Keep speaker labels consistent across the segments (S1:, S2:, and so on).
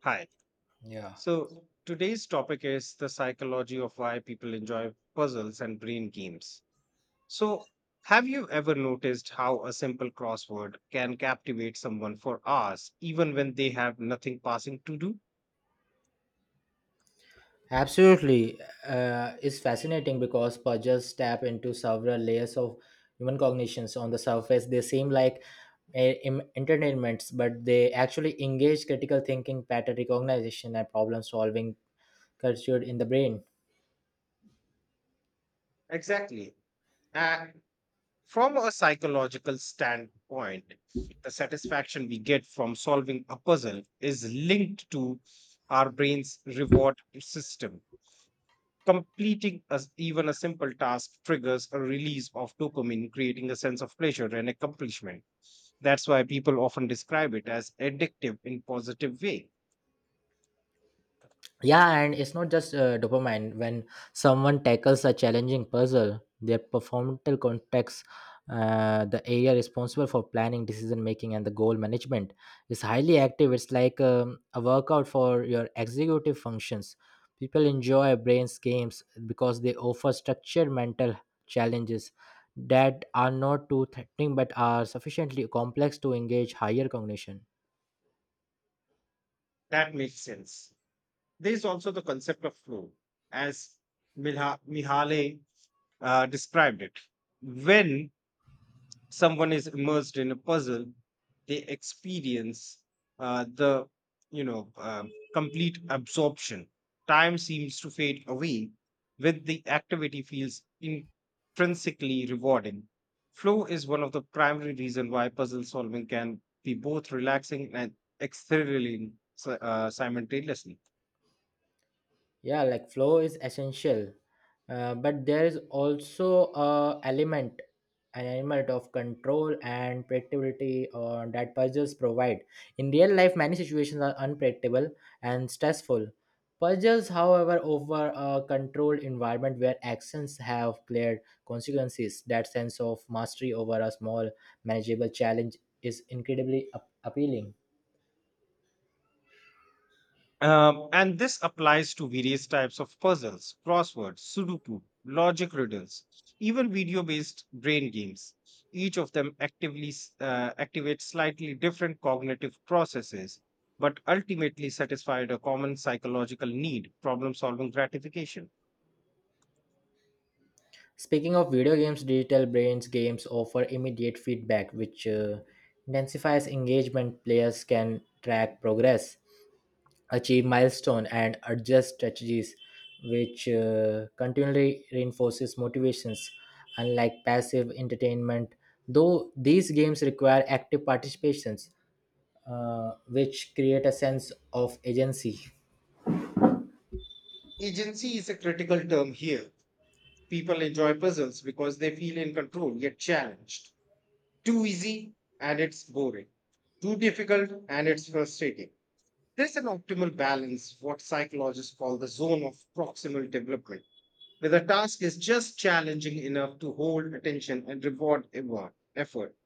S1: Hi.
S2: Yeah.
S1: So today's topic is the psychology of why people enjoy puzzles and brain games. So, have you ever noticed how a simple crossword can captivate someone for hours, even when they have nothing passing to do?
S2: Absolutely. It's fascinating because puzzles tap into several layers of human cognitions. On the surface, they seem like entertainments, but they actually engage critical thinking, pattern recognition, and problem solving culture in the brain.
S1: Exactly. And from a psychological standpoint, the satisfaction we get from solving a puzzle is linked to our brain's reward system. Completing as even a simple task triggers a release of dopamine, creating a sense of pleasure and accomplishment. That's why people often describe it as addictive in positive way.
S2: Yeah, and it's not just dopamine. When someone tackles a challenging puzzle, their prefrontal cortex, the area responsible for planning, decision making, and the goal management is highly active. It's like a workout for your executive functions. People enjoy brains games because they offer structured mental challenges that are not too threatening but are sufficiently complex to engage higher cognition.
S1: That makes sense. There is also the concept of flow, as Mihaly described it. When someone is immersed in a puzzle they experience the you know complete absorption, time seems to fade away. When the activity feels intrinsically rewarding, flow is one of the primary reasons why puzzle solving can be both relaxing and exhilarating simultaneously.
S2: Yeah, like flow is essential, but there is also a element, an element of control and predictability that puzzles provide. In real life, many situations are unpredictable and stressful. Puzzles, however, offer a controlled environment where actions have clear consequences. That sense of mastery over a small manageable challenge is incredibly appealing.
S1: And this applies to various types of puzzles, crosswords, Sudoku, logic riddles, even video based brain games. Each of them activates slightly different cognitive processes, but ultimately satisfied a common psychological need problem solving gratification.
S2: Speaking of video games, Digital Brains games offer immediate feedback, which intensifies engagement. Players can track progress, achieve milestone, and adjust strategies, which continually reinforces motivations. Unlike passive entertainment, though these games require active participations, which create a sense of agency.
S1: Agency is a critical term here. People enjoy puzzles because they feel in control yet challenged. Too easy and it's boring. Too difficult and it's frustrating. There's an optimal balance, what psychologists call the zone of proximal development, where the task is just challenging enough to hold attention and reward effort.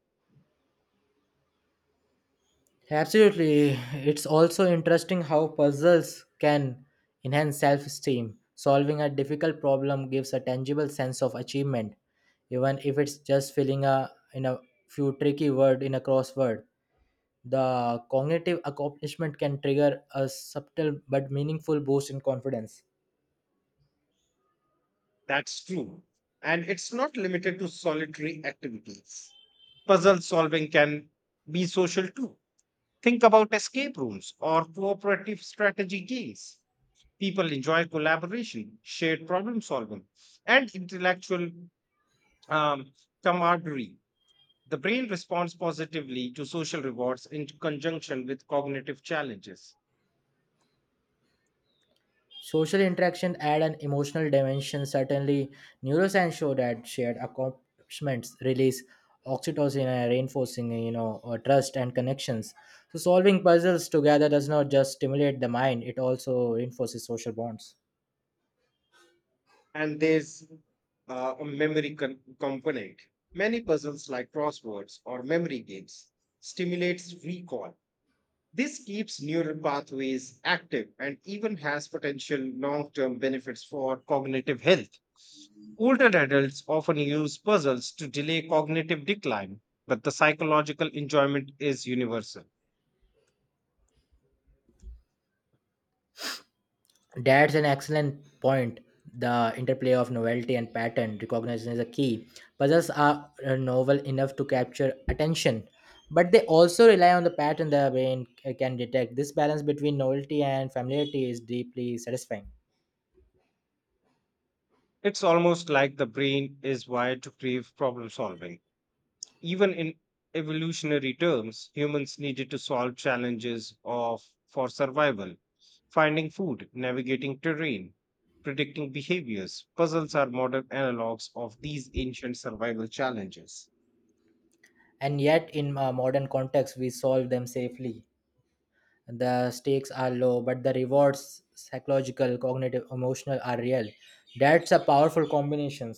S2: Absolutely. It's also interesting how puzzles can enhance self esteem. Solving a difficult problem gives a tangible sense of achievement, even if it's just filling a in a few tricky word in a crossword. The cognitive accomplishment can trigger a subtle but meaningful boost in confidence.
S1: That's true. And it's not limited to solitary activities. Puzzle solving can be social too. Think about escape rooms or cooperative strategy games. People enjoy collaboration, shared problem solving, and intellectual um, camaraderie. The brain responds positively to social rewards in conjunction with cognitive challenges.
S2: Social interaction add an emotional dimension. Certainly, neuroscience show that shared accomplishments release oxytocin and reinforcing, trust and connections. So solving puzzles together does not just stimulate the mind; it also reinforces social bonds.
S1: And there's a component. Many puzzles like crosswords or memory games stimulates recall. This keeps neural pathways active and even has potential long-term benefits for cognitive health. Older adults often use puzzles to delay cognitive decline, but the psychological enjoyment is universal.
S2: That's an excellent point. The interplay of novelty and pattern recognition is a key. Puzzles are novel enough to capture attention, but they also rely on the pattern the brain can detect. This balance between novelty and familiarity is deeply satisfying.
S1: It's almost like the brain is wired to crave problem solving. Even in evolutionary terms, humans needed to solve challenges of for survival. Finding food, navigating terrain, predicting behaviors. Puzzles are modern analogs of these ancient survival challenges.
S2: And yet, in a modern context, we solve them safely. The stakes are low, but the rewards, psychological, cognitive, emotional, are real. That's a powerful combination.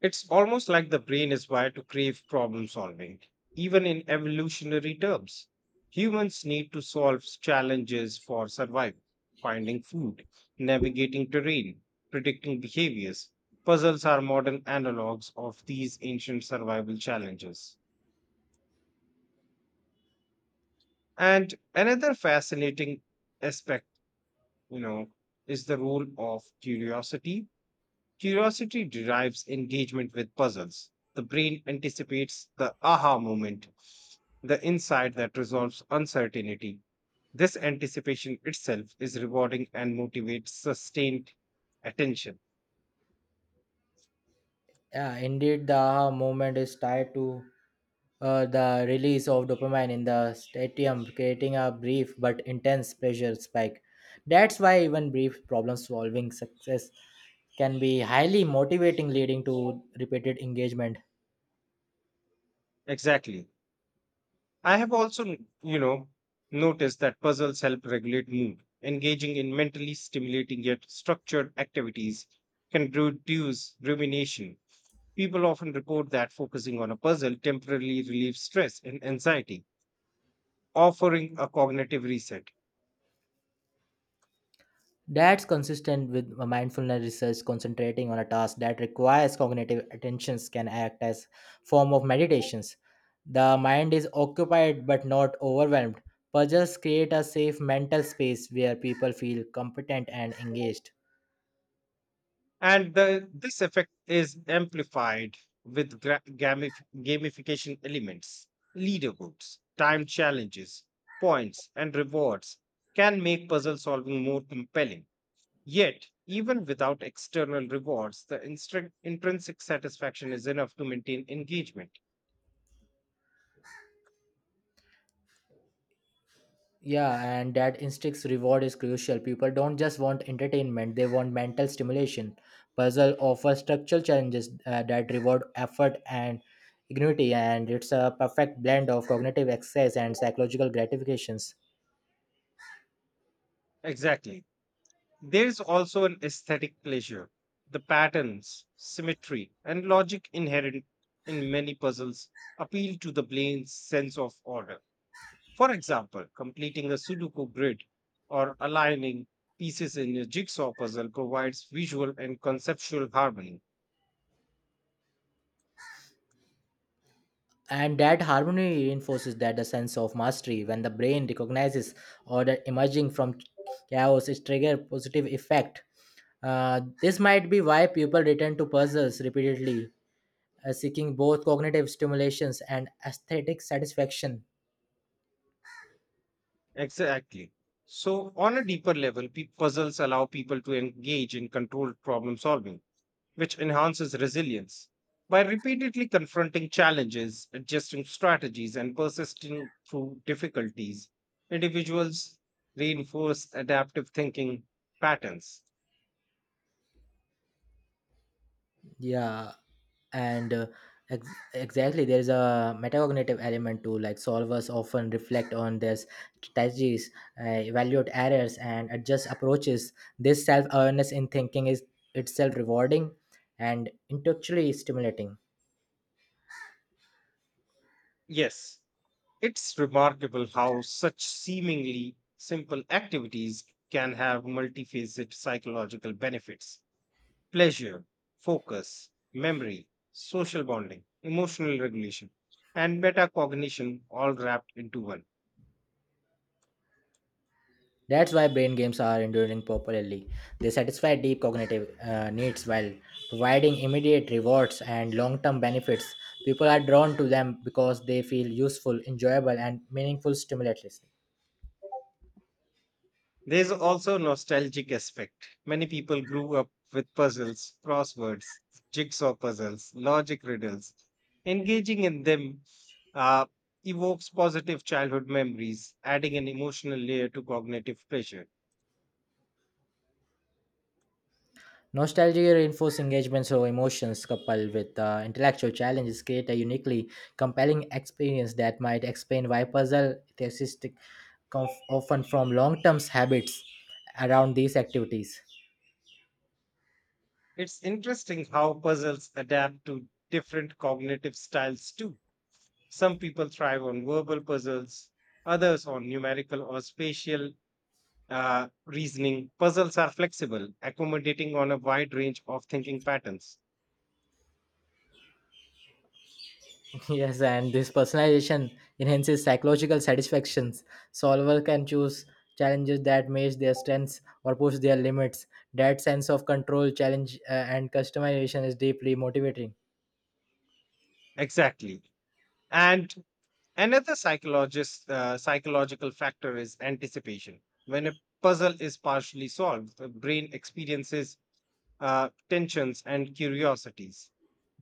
S1: It's almost like the brain is wired to crave problem solving, even in evolutionary terms. Humans need to solve challenges for survival, finding food, navigating terrain, predicting behaviors. Puzzles are modern analogs of these ancient survival challenges. And another fascinating aspect, you know, is the role of curiosity. Curiosity drives engagement with puzzles. The brain anticipates the aha moment, the insight that resolves uncertainty. This anticipation itself is rewarding and motivates sustained attention.
S2: Yeah, indeed, the moment is tied to the release of dopamine in the stadium, creating a brief but intense pleasure spike. That's why even brief problem solving success can be highly motivating, leading to repeated engagement.
S1: Exactly. I have also, noticed that puzzles help regulate mood. Engaging in mentally stimulating yet structured activities can reduce rumination. People often report that focusing on a puzzle temporarily relieves stress and anxiety offering a cognitive reset.
S2: That's consistent with mindfulness research. Concentrating on a task that requires cognitive attentions can act as form of meditations. The mind is occupied but not overwhelmed. Puzzles create a safe mental space where people feel competent and engaged.
S1: And this effect is amplified with gamification elements. Leaderboards, time challenges, points, and rewards can make puzzle solving more compelling. Yet, even without external rewards, the intrinsic satisfaction is enough to maintain engagement.
S2: Yeah, and that instinct's reward is crucial. People don't just want entertainment, they want mental stimulation. Puzzle offers structural challenges that reward effort and ingenuity, and it's a perfect blend of cognitive exercise and psychological gratifications.
S1: Exactly. There's also an aesthetic pleasure. The patterns, symmetry, and logic inherent in many puzzles appeal to the brain's sense of order. For example, completing a Sudoku grid or aligning pieces in a jigsaw puzzle provides visual and conceptual harmony.
S2: And that harmony reinforces that the sense of mastery. When the brain recognizes order emerging from chaos, it triggers positive effect. This might be why people return to puzzles repeatedly, seeking both cognitive stimulations and aesthetic satisfaction.
S1: Exactly. So, on a deeper level, puzzles allow people to engage in controlled problem solving which enhances resilience. By repeatedly confronting challenges, adjusting strategies, and persisting through difficulties, individuals reinforce adaptive thinking patterns.
S2: Yeah, and uh, exactly, there is a metacognitive element too. Like solvers often reflect on their strategies, evaluate errors, and adjust approaches. This self awareness in thinking is itself rewarding and intellectually stimulating.
S1: Yes, it's remarkable how such seemingly simple activities can have multifaceted psychological benefits: pleasure, focus, memory, social bonding, emotional regulation, and metacognition all wrapped into one.
S2: That's why brain games are enduring popularly. They satisfy deep cognitive needs while providing immediate rewards and long term benefits. People are drawn to them because they feel useful, enjoyable, and meaningful stimulatlessly.
S1: There's also nostalgic aspect. Many people grew up with puzzles, crosswords, jigsaw puzzles, logic riddles. Engaging in them uh, evokes positive childhood memories, adding an emotional layer to cognitive pressure.
S2: Nostalgia reinforced engagements, so emotions coupled with intellectual challenges create a uniquely compelling experience that might explain why puzzle thesis often from long term habits around these activities.
S1: It's interesting how puzzles adapt to different cognitive styles too. Some people thrive on verbal puzzles, others on numerical or spatial reasoning, puzzles are flexible, accommodating on a wide range of thinking patterns.
S2: Yes, and this personalization enhances psychological satisfactions. Solver can choose challenges that match their strengths or push their limits. That sense of control, challenge, and customization is deeply motivating.
S1: Exactly. And another psychological factor is anticipation. When a puzzle is partially solved, the brain experiences tensions, and curiosities.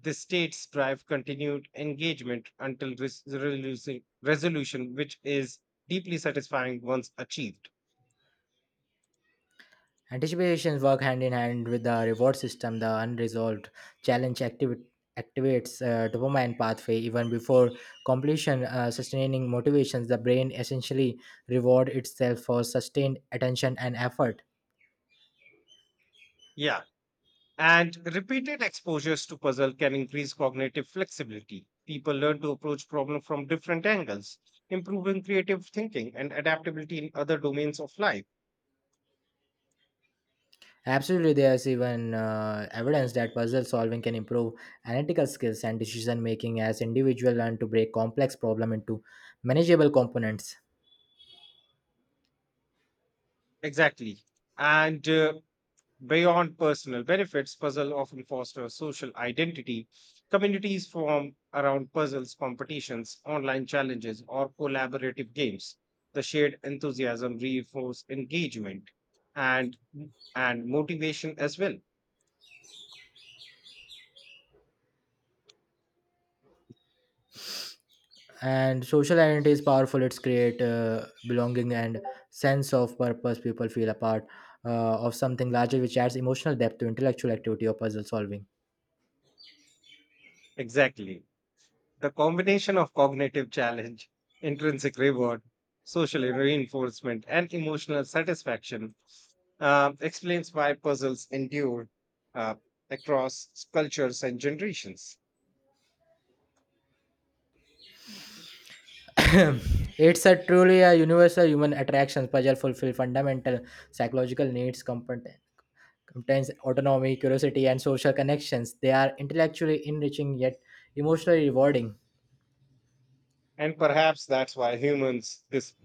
S1: The states drive continued engagement until resolution, which is deeply satisfying once achieved.
S2: Anticipations work hand in hand with the reward system. The unresolved challenge activates dopamine pathway even before completion, sustaining motivations. The brain essentially reward itself for sustained attention and effort.
S1: Yeah, and repeated exposures to puzzle can increase cognitive flexibility. People learn to approach problems from different angles, improving creative thinking and adaptability in other domains of life.
S2: Absolutely, there's even evidence that puzzle solving can improve analytical skills and decision making as individuals learn to break complex problem into manageable components.
S1: Exactly. And beyond personal benefits, puzzle often foster social identity. Communities form around puzzles, competitions, online challenges, or collaborative games. The shared enthusiasm reinforces engagement and and motivation as well.
S2: And social identity is powerful. It's create belonging and sense of purpose. People feel a part of something larger, which adds emotional depth to intellectual activity or puzzle solving.
S1: Exactly. The combination of cognitive challenge, intrinsic reward, social reinforcement, and emotional satisfaction explains why puzzles endure uh, across cultures and generations.
S2: It's a truly a universal human attraction. Puzzle fulfill fundamental psychological needs, comfort contains autonomy, curiosity, and social connections. They are intellectually enriching yet emotionally rewarding.
S1: And perhaps that's why humans,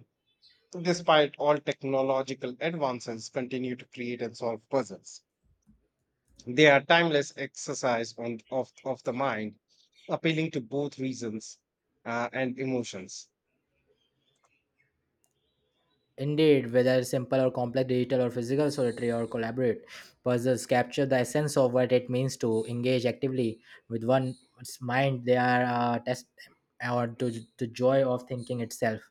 S1: despite all technological advances, continue to create and solve puzzles. They are timeless exercise of the mind, appealing to both reasons and emotions.
S2: Indeed, whether simple or complex, digital or physical, solitary or collaborate, puzzles capture the essence of what it means to engage actively with one's mind. They are a test or to the joy of thinking itself.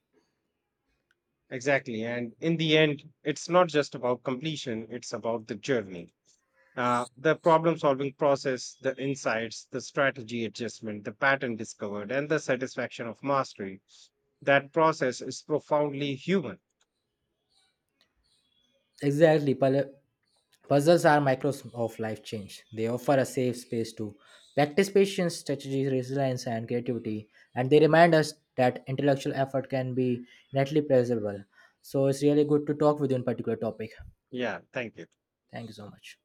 S1: Exactly. And in the end, it's not just about completion, it's about the journey. The problem solving process, the insights, the strategy adjustment, the pattern discovered, and the satisfaction of mastery. That process is profoundly human.
S2: Exactly, puzzle Puzzles are micros of life change. They offer a safe space to practice patience, strategy, resilience, and creativity, and they remind us that intellectual effort can be neatly pleasurable. So it's really good to talk with you on particular topic.
S1: Yeah, thank you.
S2: Thank you so much.